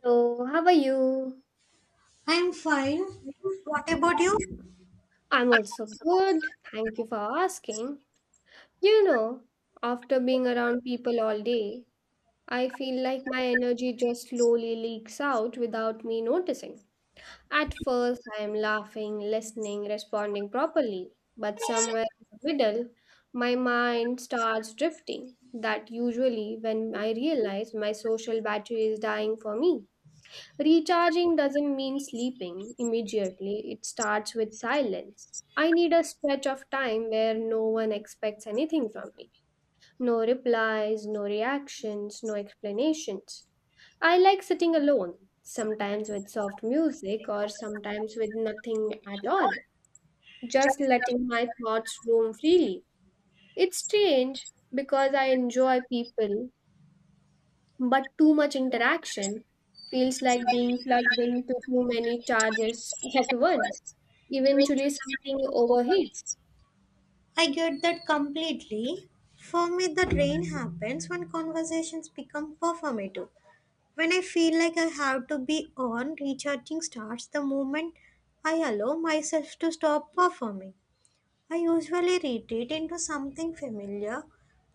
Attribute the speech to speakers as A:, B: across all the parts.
A: Hello, how are you?
B: I'm fine. What about you?
A: I'm also good. Thank you for asking. You know, after being around people all day, I feel like my energy just slowly leaks out without me noticing. At first, I am laughing, listening, responding properly, but somewhere in the middle, my mind starts drifting. That usually when I realize my social battery is dying for me. Recharging doesn't mean sleeping immediately, it starts with silence. I need a stretch of time where no one expects anything from me. No replies, no reactions, no explanations. I like sitting alone, sometimes with soft music or sometimes with nothing at all, just letting my thoughts roam freely. It's strange because I enjoy people but too much interaction feels like being plugged into too many charges at once. Eventually, something overheats.
B: I get that completely. For me, the drain happens when conversations become performative. When I feel like I have to be on, recharging starts the moment I allow myself to stop performing. I usually retreat into something familiar,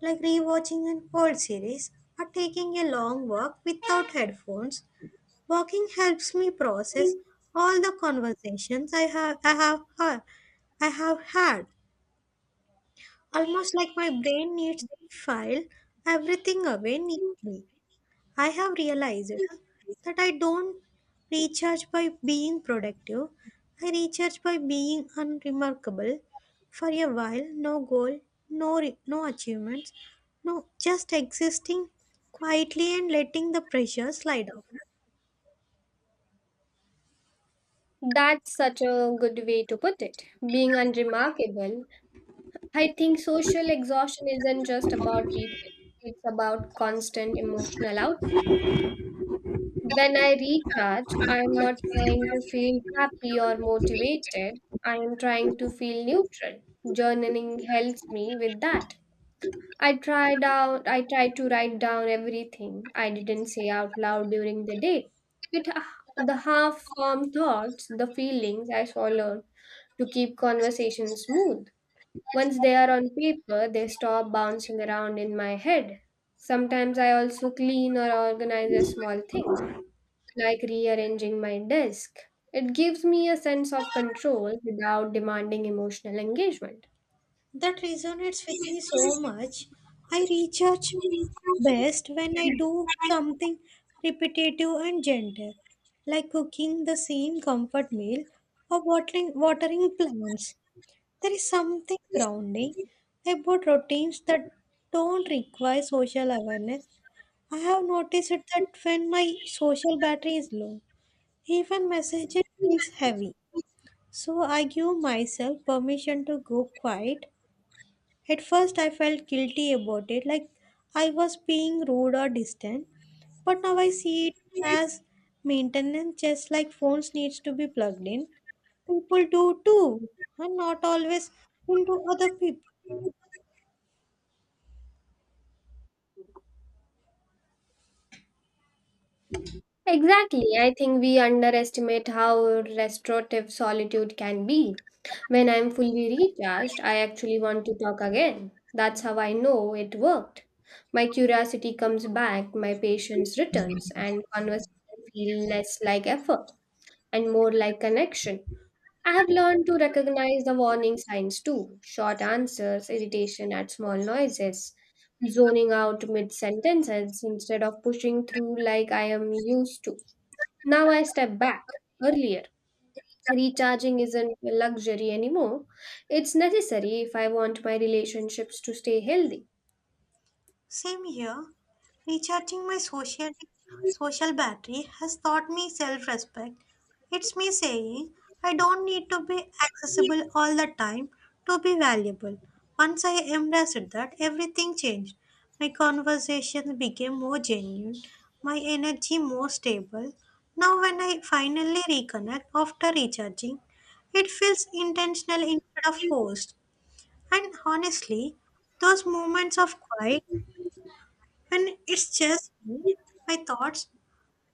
B: like rewatching an old series or taking a long walk without headphones. Walking helps me process all the conversations I have had. Almost like my brain needs to file everything away neatly. I have realized that I don't recharge by being productive. I recharge by being unremarkable. For a while, no goal, no achievements, no just existing quietly and letting the pressure slide off.
A: That's such a good way to put it. Being unremarkable, I think social exhaustion isn't just about people, it's about constant emotional out. When I recharge, I'm not trying to feel happy or motivated, I am trying to feel neutral. Journaling helps me with that. I tried to write down everything I didn't say out loud during the day. The half formed thoughts, the feelings I swallowed to keep conversation smooth. Once they are on paper, they stop bouncing around in my head. Sometimes I also clean or organize the small things, like rearranging my desk. It gives me a sense of control without demanding emotional engagement.
B: That resonates with me so much. I recharge best when I do something repetitive and gentle, like cooking the same comfort meal or watering plants. There is something grounding about routines that don't require social awareness. I have noticed it that when my social battery is low, even messaging feels heavy. So I give myself permission to go quiet. At first, I felt guilty about it, like I was being rude or distant. But now I see it as maintenance, just like phones needs to be plugged in. People do too, and not always into other people.
A: Exactly. I think we underestimate how restorative solitude can be. When I'm fully recharged, I actually want to talk again. That's how I know it worked. My curiosity comes back, my patience returns, and conversation feel less like effort and more like connection. I have learned to recognize the warning signs too short answers, irritation at small noises, zoning out mid sentences instead of pushing through like I am used to. Now I step back. Earlier, recharging isn't a luxury anymore. It's necessary if I want my relationships to stay healthy.
B: Same here. Recharging my social battery has taught me self-respect. It's me saying I don't need to be accessible all the time to be valuable. Once I embraced that, everything changed. My conversations became more genuine, my energy more stable. Now when I finally reconnect after recharging, it feels intentional instead of forced. And honestly, those moments of quiet and it's just me, my thoughts,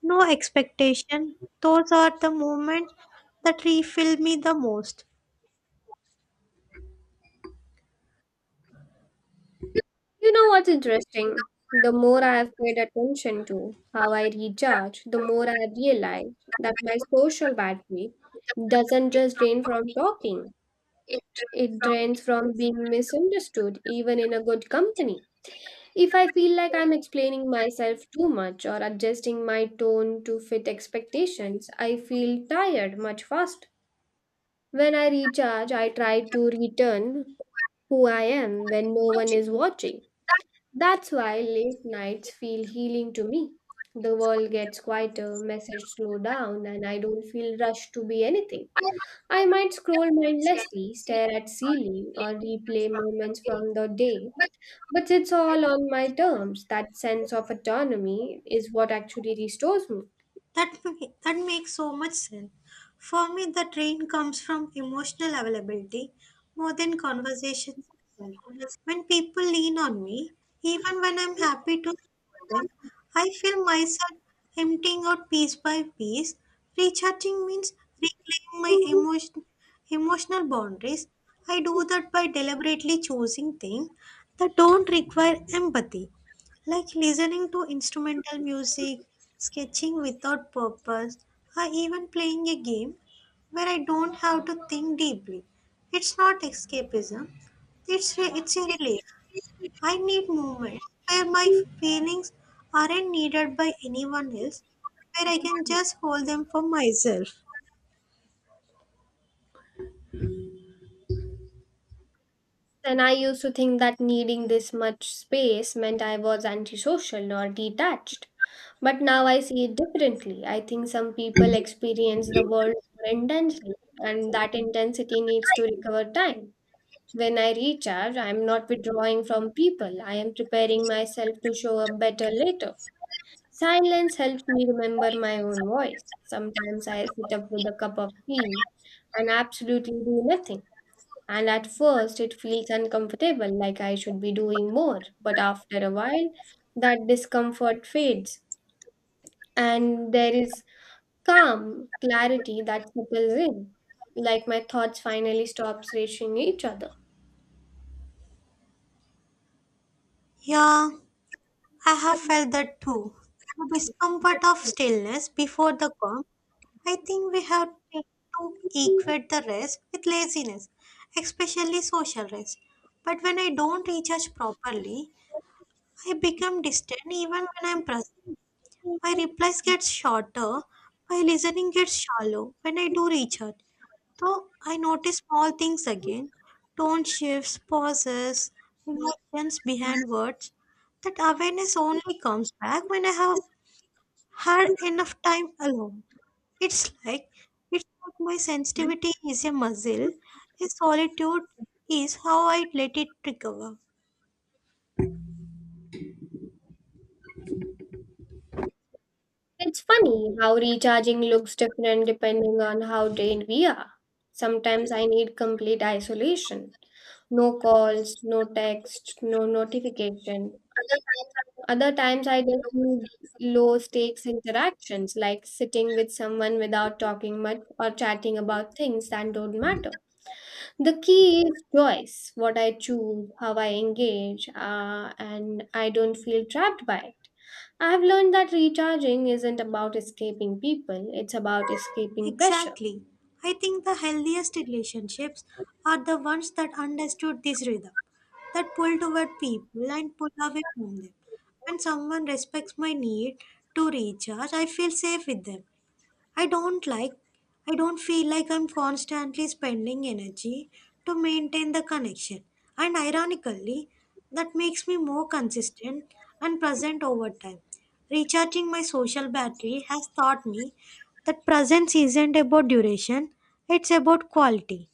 B: no expectation. Those are the moments that refill me the most.
A: You know what's interesting? The more I have paid attention to how I recharge, the more I realize that my social battery doesn't just drain from talking, it drains from being misunderstood, even in a good company. If I feel like I'm explaining myself too much or adjusting my tone to fit expectations, I feel tired much faster. When I recharge, I try to return who I am when no one is watching. That's why late nights feel healing to me. The world gets quieter, messages slow down, and I don't feel rushed to be anything. I might scroll mindlessly, stare at ceiling, or replay moments from the day but it's all on my terms. That sense of autonomy is what actually restores me.
B: That makes so much sense. For me, the train comes from emotional availability more than conversations itself. When people lean on me, even when I'm happy to support them, I feel myself emptying out piece by piece. Recharging means reclaiming my emotional boundaries. I do that by deliberately choosing things that don't require empathy, like listening to instrumental music, sketching without purpose, or even playing a game where I don't have to think deeply. It's not escapism, it's a relief. I need movement where my feelings aren't needed by anyone else, where I can just hold them for myself.
A: And I used to think that needing this much space meant I was antisocial or detached. But now I see it differently. I think some people experience the world more intensely, and that intensity needs to recover time. When I recharge, I am not withdrawing from people, I am preparing myself to show up better later. Silence helps me remember my own voice. Sometimes I sit up with a cup of tea and absolutely do nothing. And at first, it feels uncomfortable, like I should be doing more. But after a while, that discomfort fades, and there is calm, clarity that settles in, like my thoughts finally stops racing each other.
B: Yeah, I have felt that too. The discomfort of stillness before the calm. I think we have to equate the rest with laziness, especially social rest. But when I don't recharge properly, I become distant even when I'm present. My replies get shorter, my listening gets shallow when I do recharge. So I notice small things again: tone shifts, pauses, emotions behind words. That awareness only comes back when I have had enough time alone. It's like it's like my sensitivity is a muscle. A solitude is how I let it recover.
A: It's funny how recharging looks different depending on how drained we are. Sometimes I need complete isolation. No calls, no text, no notification. Other times I just need low stakes interactions like sitting with someone without talking much or chatting about things that don't matter. The key is choice, what I choose, how I engage, and I don't feel trapped by it. I have learned that recharging isn't about escaping people, it's about escaping pressure.
B: Exactly. I think the healthiest relationships are the ones that understood this rhythm, that pull toward people and pull away from them. When someone respects my need to recharge, I feel safe with them. I don't like, I don't feel like I'm constantly spending energy to maintain the connection. And ironically, that makes me more consistent and present over time. Recharging my social battery has taught me that presence isn't about duration, it's about quality.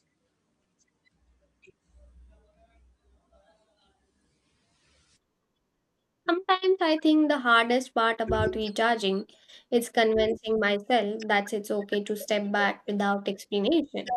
A: Sometimes I think the hardest part about recharging is convincing myself that it's okay to step back without explanation.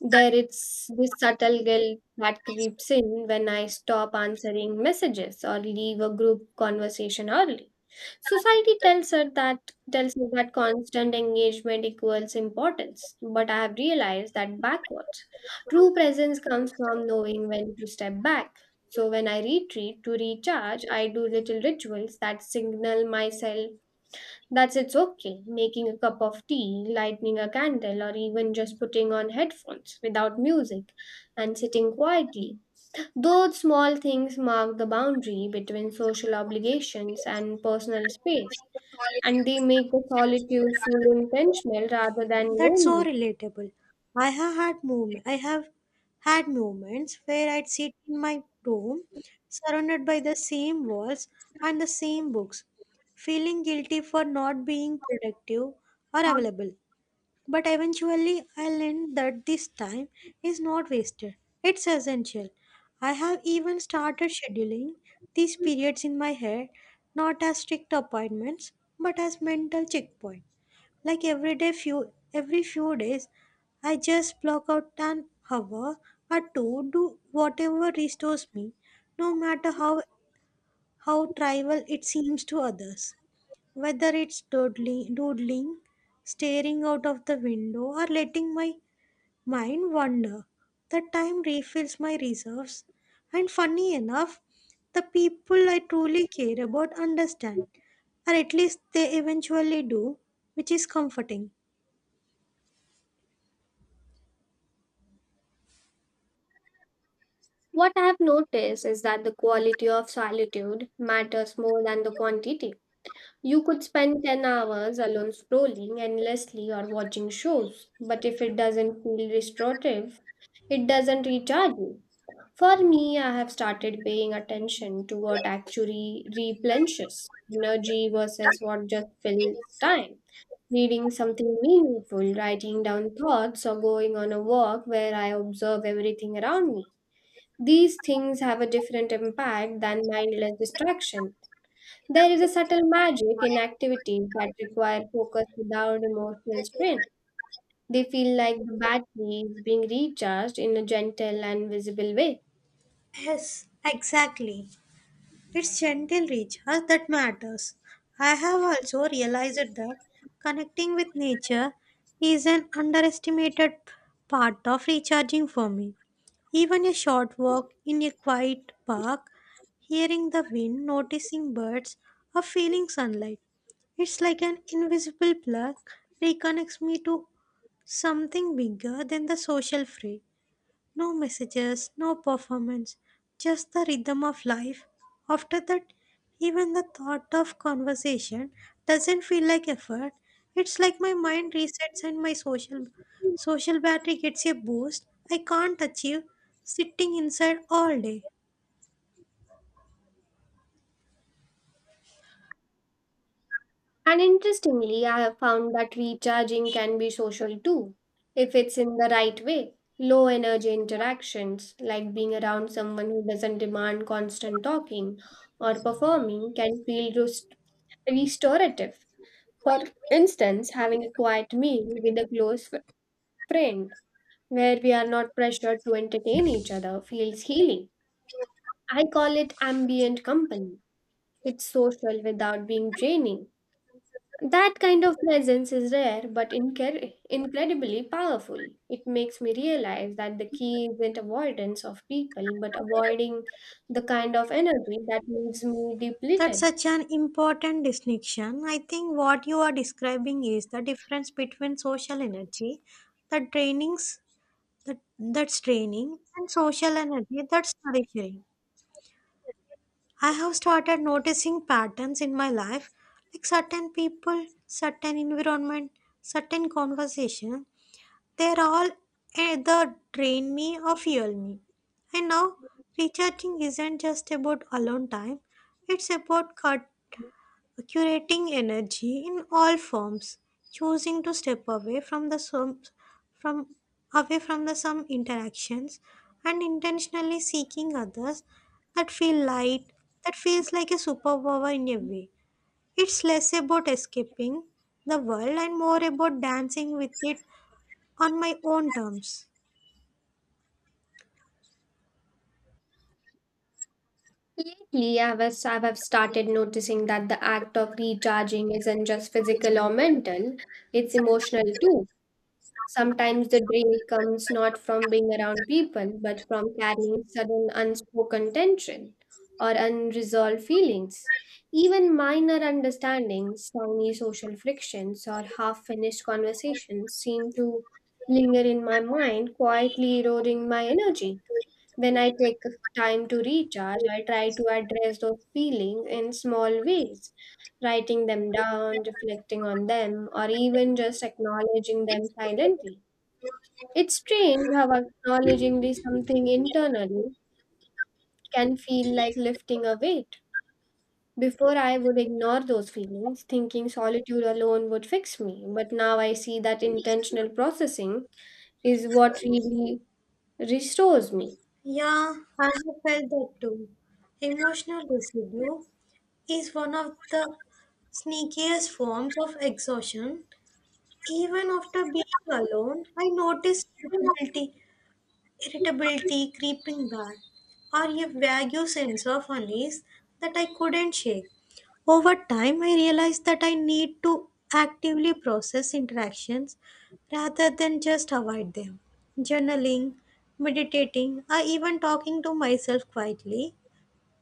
A: There is this subtle guilt that creeps in when I stop answering messages or leave a group conversation early. Society tells her that constant engagement equals importance, but I have realized that backwards. True presence comes from knowing when to step back. So when I retreat to recharge, I do little rituals that signal myself that it's okay, making a cup of tea, lighting a candle, or even just putting on headphones without music and sitting quietly. Those small things mark the boundary between social obligations and personal space and they make the solitude feel intentional rather than
B: That's so
A: lonely.
B: relatable. I have had moments where I'd sit in my room, surrounded by the same walls and the same books, feeling guilty for not being productive or available. But eventually, I learned that this time is not wasted. It's essential. I have even started scheduling these periods in my head, not as strict appointments, but as mental checkpoints. Like every few days I just block out an hour or two, do whatever restores me, no matter how trivial it seems to others. Whether it's doodling, staring out of the window, or letting my mind wander, the time refills my reserves. And funny enough, the people I truly care about understand, or at least they eventually do, which is comforting.
A: What I have noticed is that the quality of solitude matters more than the quantity. You could spend 10 hours alone scrolling endlessly or watching shows, but if it doesn't feel restorative, it doesn't recharge you. For me, I have started paying attention to what actually replenishes energy versus what just fills time. Reading something meaningful, writing down thoughts, or going on a walk where I observe everything around me. These things have a different impact than mindless distraction. There is a subtle magic in activities that require focus without emotional strain. They feel like the battery is being recharged in a gentle and visible way.
B: Yes, exactly. It's gentle reach that matters. I have also realized that connecting with nature is an underestimated part of recharging for me. Even a short walk in a quiet park, hearing the wind, noticing birds, or feeling sunlight. It's like an invisible plug reconnects me to something bigger than the social fray. No messages, no performance, just the rhythm of life. After that, even the thought of conversation doesn't feel like effort. It's like my mind resets and my social battery gets a boost I can't achieve sitting inside all day.
A: And interestingly, I have found that recharging can be social too, if it's in the right way. Low energy interactions, like being around someone who doesn't demand constant talking or performing, can feel restorative. For instance, having a quiet meal with a friend where we are not pressured to entertain each other feels healing. I call it ambient company. It's social without being draining. That kind of presence is rare but incredibly powerful. It makes me realize that the key isn't avoidance of people but avoiding the kind of energy that leaves me
B: That's
A: depleted.
B: such an important distinction. I think what you are describing is the difference between social energy, the trainings that's draining, and social energy that's nourishing. I have started noticing patterns in my life, like certain people, certain environment, certain conversation. They're all either drain me or fuel me. And now, recharging isn't just about alone time, it's about cut curating energy in all forms, choosing to step away from from away from the some interactions, and intentionally seeking others that feel light, that feels like a superpower in a way. It's less about escaping the world and more about dancing with it on my own terms.
A: Lately, I have started noticing that the act of recharging isn't just physical or mental, it's emotional too. Sometimes the drain comes not from being around people, but from carrying sudden unspoken tension or unresolved feelings. Even minor understandings, tiny social frictions, or half finished conversations seem to linger in my mind, quietly eroding my energy. When I take time to recharge, I try to address those feelings in small ways, writing them down, reflecting on them, or even just acknowledging them silently. It's strange how acknowledging this something internally can feel like lifting a weight. Before, I would ignore those feelings, thinking solitude alone would fix me. But now I see that intentional processing is what really restores me.
B: Yeah, I have felt that too. Emotional residue is one of the sneakiest forms of exhaustion. Even after being alone, I noticed irritability creeping back, or a vague sense of unease that I couldn't shake. Over time, I realized that I need to actively process interactions rather than just avoid them. Journaling, meditating, or even talking to myself quietly,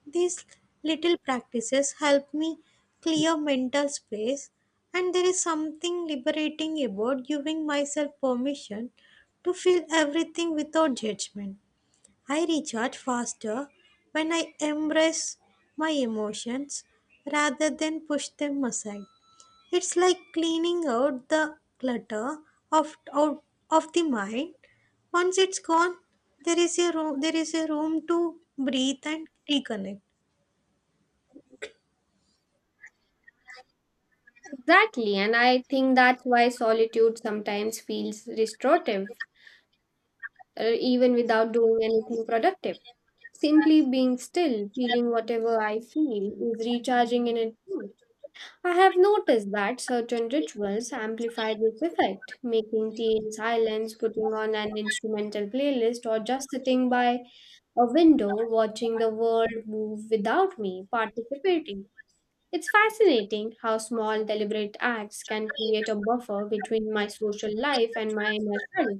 B: these little practices help me clear mental space, and there is something liberating about giving myself permission to feel everything without judgment. I recharge faster when I embrace my emotions rather than push them aside. It's like cleaning out the clutter of out of the mind. Once it's gone, there is a room to breathe and reconnect.
A: Exactly, and I think that's why solitude sometimes feels restorative, even without doing anything productive. Simply being still, feeling whatever I feel, is recharging in itself. I have noticed that certain rituals amplify this effect, making tea in silence, putting on an instrumental playlist, or just sitting by a window watching the world move without me participating. It's fascinating how small deliberate acts can create a buffer between my social life and my inner self.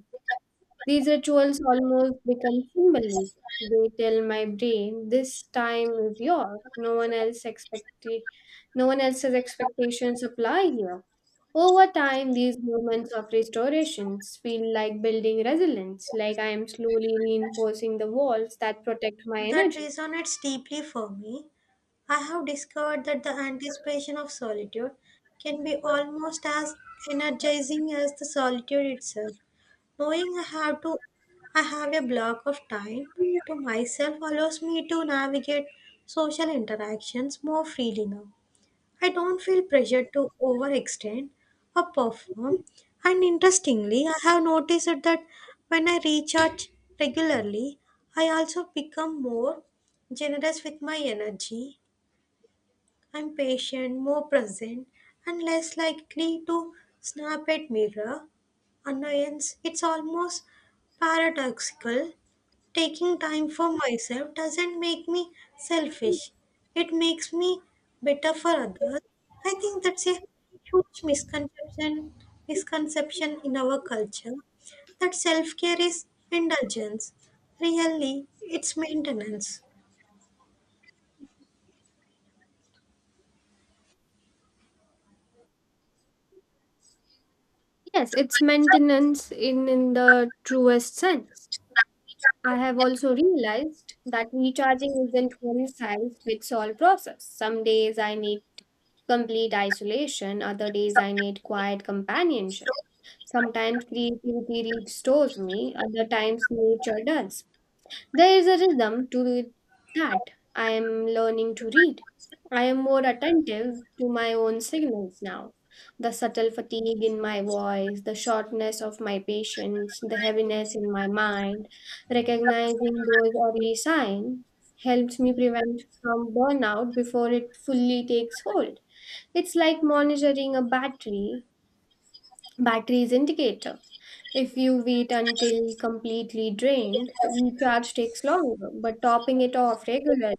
A: These rituals almost become symbolic. They tell my brain this time is yours. No one else's expectations apply here. Over time, these moments of restorations feel like building resilience, like I am slowly reinforcing the walls that protect my
B: That
A: energy.
B: resonates deeply for me. I have discovered that the anticipation of solitude can be almost as energizing as the solitude itself. Knowing I have a block of time to myself allows me to navigate social interactions more freely now. I don't feel pressured to overextend or perform. And interestingly, I have noticed that when I recharge regularly, I also become more generous with my energy. I'm patient, more present, and less likely to snap at mirror annoyance. It's almost paradoxical. Taking time for myself doesn't make me selfish. It makes me better for others. I think that's a huge misconception in our culture that self-care is indulgence. Really, it's maintenance.
A: Yes, it's maintenance in the truest sense. I have also realized that recharging isn't one size fits all process. Some days I need complete isolation, other days I need quiet companionship. Sometimes creativity restores me, other times nature does. There is a rhythm to it that I am learning to read. I am more attentive to my own signals now. The subtle fatigue in my voice, the shortness of my patience, the heaviness in my mind, recognizing those early signs helps me prevent from burnout before it fully takes hold. It's like monitoring a battery's indicator. If you wait until completely drained, recharge takes longer, but topping it off regularly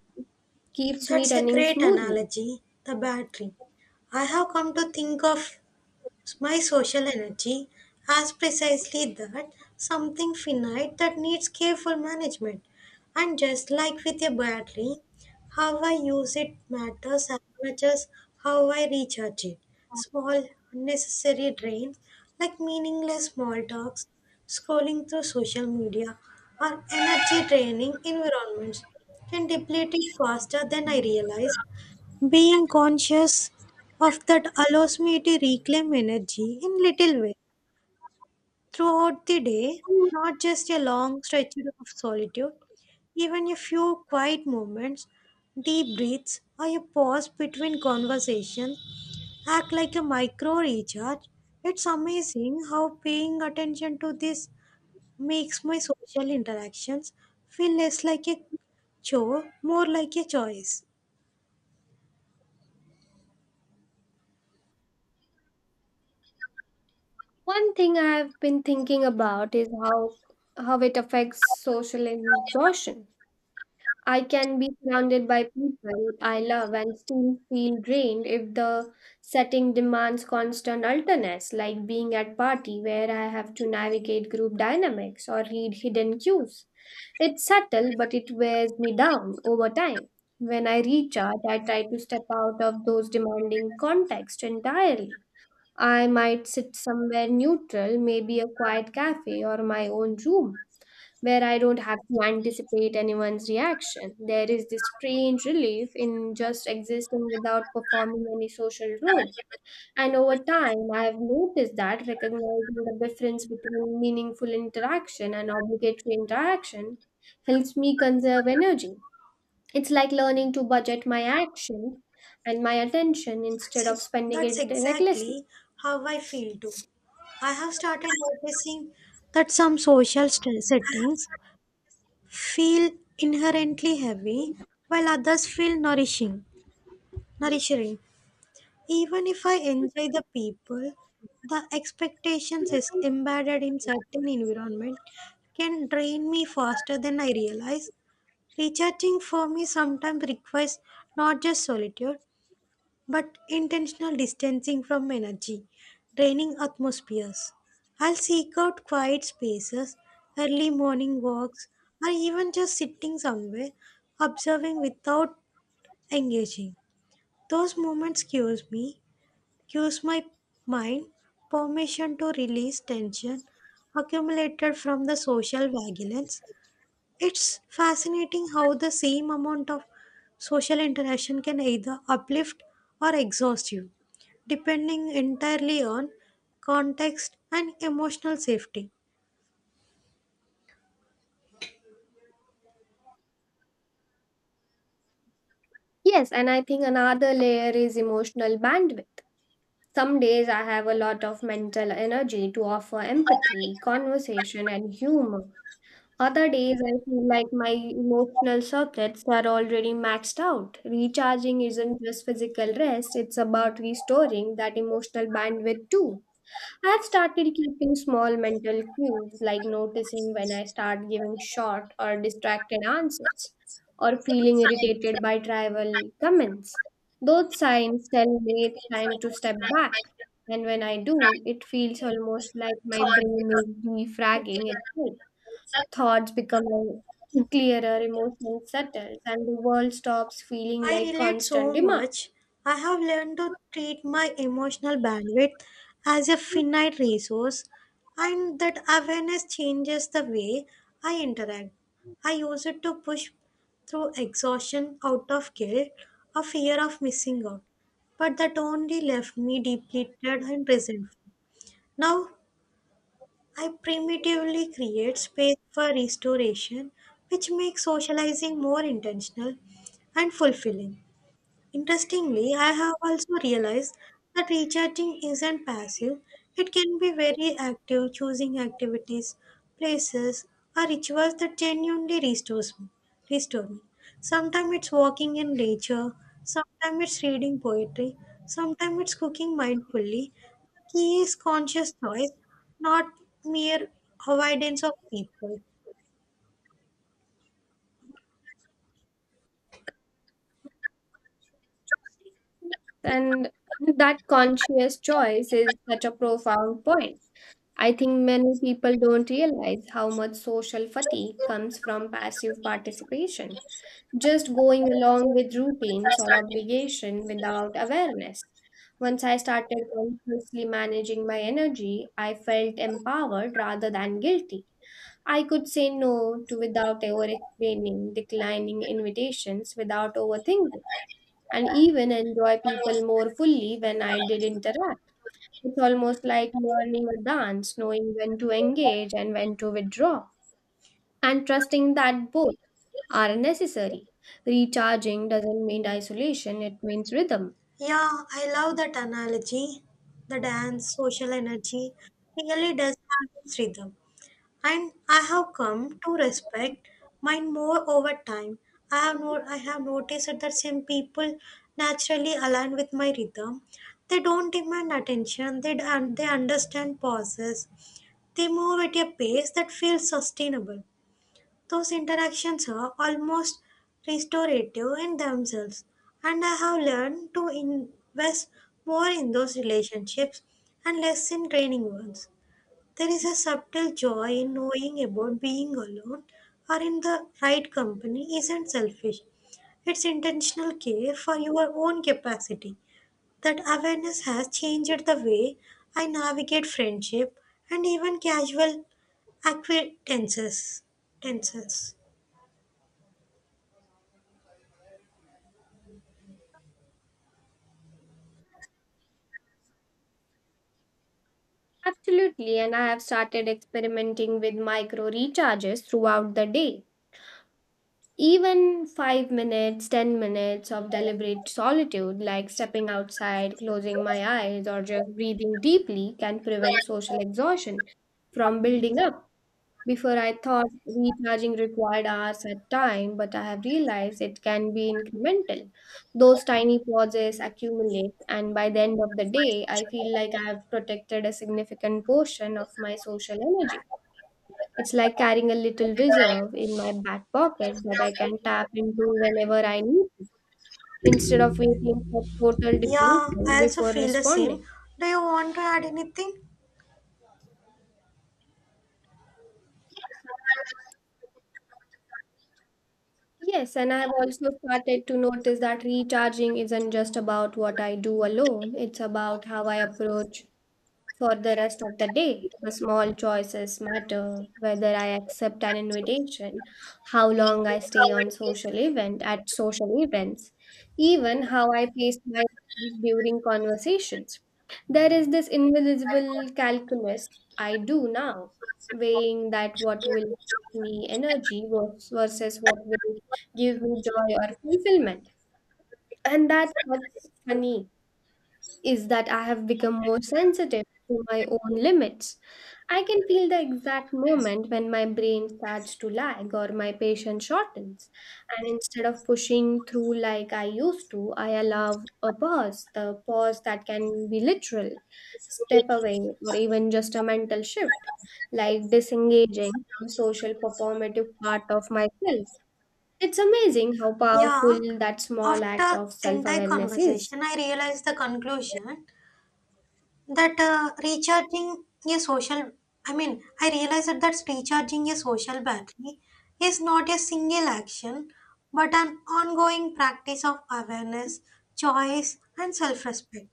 A: keeps me
B: That's a
A: running
B: great
A: smoothly.
B: analogy, the battery. I have come to think of my social energy as precisely that, something finite that needs careful management. And just like with a battery, how I use it matters as much as how I recharge it. Small, unnecessary drains like meaningless small talks, scrolling through social media, or energy draining environments can deplete it faster than I realize. Being conscious of that allows me to reclaim energy in little ways throughout the day, not just a long stretch of solitude. Even a few quiet moments, deep breaths, or a pause between conversations act like a micro recharge. It's amazing how paying attention to this makes my social interactions feel less like a chore, more like a choice.
A: One thing I've been thinking about is how it affects social exhaustion. I can be surrounded by people I love and still feel drained if the setting demands constant alertness, like being at party where I have to navigate group dynamics or read hidden cues. It's subtle, but it wears me down over time. When I recharge, I try to step out of those demanding contexts entirely. I might sit somewhere neutral, maybe a quiet cafe or my own room where I don't have to anticipate anyone's reaction. There is this strange relief in just existing without performing any social role. And over time, I have noticed that recognizing the difference between meaningful interaction and obligatory interaction helps me conserve energy. It's like learning to budget my actions and my attention instead
B: That's
A: of
B: ex-
A: spending
B: that's
A: it recklessly.
B: exactly how I feel too. I have started noticing that some settings feel inherently heavy while others feel nourishing. Nourishing. Even if I enjoy the people, the expectations is embedded in certain environment can drain me faster than I realize. Recharging for me sometimes requires not just solitude but intentional distancing from energy, draining atmospheres. I'll seek out quiet spaces, early morning walks, or even just sitting somewhere, observing without engaging. Those moments cures me, cures my mind, permission to release tension accumulated from the social vigilance. It's fascinating how the same amount of social interaction can either uplift or exhaust you, depending entirely on context and emotional safety.
A: Yes, and I think another layer is emotional bandwidth. Some days I have a lot of mental energy to offer empathy, conversation, and humor. Other days I feel like my emotional circuits are already maxed out. Recharging isn't just physical rest, it's about restoring that emotional bandwidth too. I've started keeping small mental cues, like noticing when I start giving short or distracted answers, or feeling irritated by trivial comments. Those signs tell me it's time to step back. And when I do, it feels almost like my brain is defragging itself. Thoughts become clearer, emotions settle, and the world stops feeling
B: I
A: like
B: relate
A: constant
B: so
A: demand.
B: much. I have learned to treat my emotional bandwidth as a finite resource, and that awareness changes the way I interact. I use it to push through exhaustion out of guilt or fear of missing out, but that only left me depleted and resentful. Now, I primitively create space for restoration, which makes socializing more intentional and fulfilling. Interestingly, I have also realized that recharging isn't passive, it can be very active, choosing activities, places, or rituals that restore me. Sometimes it's walking in nature, sometimes it's reading poetry, sometimes it's cooking mindfully. The key is conscious choice, not mere avoidance of people.
A: And that conscious choice is such a profound point I think many people don't realize how much social fatigue comes from passive participation, just going along with routines or obligation without awareness. Once I started consciously managing my energy, I felt empowered rather than guilty. I could say no to without over explaining, declining invitations without overthinking, and even enjoy people more fully when I did interact. It's almost like learning a dance, knowing when to engage and when to withdraw, and trusting that both are necessary. Recharging doesn't mean isolation, it means rhythm.
B: Yeah, I love that analogy. The dance, social energy really does have its rhythm. And I have come to respect mine more over time. I have no, I have noticed that some people naturally align with my rhythm. They don't demand attention, and they understand pauses. They move at a pace that feels sustainable. Those interactions are almost restorative in themselves, and I have learned to invest more in those relationships and less in training ones. There is a subtle joy in knowing about being alone or in the right company isn't selfish. It's intentional care for your own capacity. That awareness has changed the way I navigate friendship and even casual acquaintances. Tenses.
A: Absolutely, and I have started experimenting with micro recharges throughout the day. Even 5 minutes, 10 minutes of deliberate solitude, like stepping outside, closing my eyes, or just breathing deeply, can prevent social exhaustion from building up. Before, I thought recharging required hours at time, but I have realized it can be incremental. Those tiny pauses accumulate, and by the end of the day, I feel like I have protected a significant portion of my social energy. It's like carrying a little reserve in my back pocket that I can tap into whenever I need it, instead of waiting for total
B: Yeah,
A: depletion
B: I also
A: before
B: feel the same.
A: responding.
B: Do you want to add anything?
A: Yes, and I've also started to notice that recharging isn't just about what I do alone, it's about how I approach for the rest of the day, the small choices matter whether I accept an invitation, how long I stay on social event at social events, even how I pace myself during conversations. There is this invisible calculus I do now, weighing that what will give me energy versus what will give me joy or fulfillment. And that's what's funny is that I have become more sensitive to my own limits. I can feel the exact moment when my brain starts to lag or my patience shortens. And instead of pushing through like I used to, I allow a pause, the pause that can be literal, step away, or even just a mental shift, like disengaging from social performative part of myself. It's amazing how powerful
B: Yeah,
A: that small act
B: After
A: of self
B: entire
A: awareness is.
B: conversation, I realized the conclusion that recharging a social, I mean, I realized that that's recharging a social battery is not a single action, but an ongoing practice of awareness, choice, and self respect.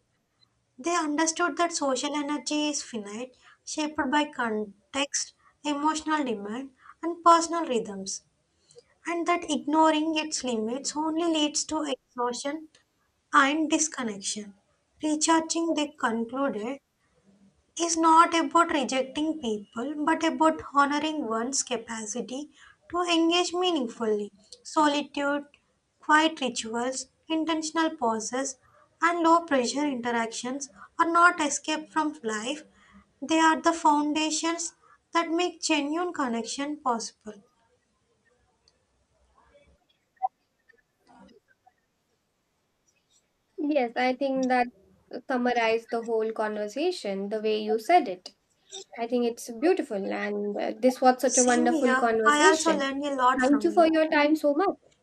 B: They understood that social energy is finite, shaped by context, emotional demand, and personal rhythms, and that ignoring its limits only leads to exhaustion and disconnection. Recharging, they concluded, is not about rejecting people but about honoring one's capacity to engage meaningfully. Solitude, quiet rituals, intentional pauses, and low pressure interactions are not escape from life, they are the foundations that make genuine connection possible.
A: Yes, I think that summarized the whole conversation the way you said it. I think it's beautiful, and this was such a
B: Same
A: wonderful
B: here, I also
A: conversation.
B: learned a lot
A: Thank you
B: from
A: for
B: you.
A: your time so much.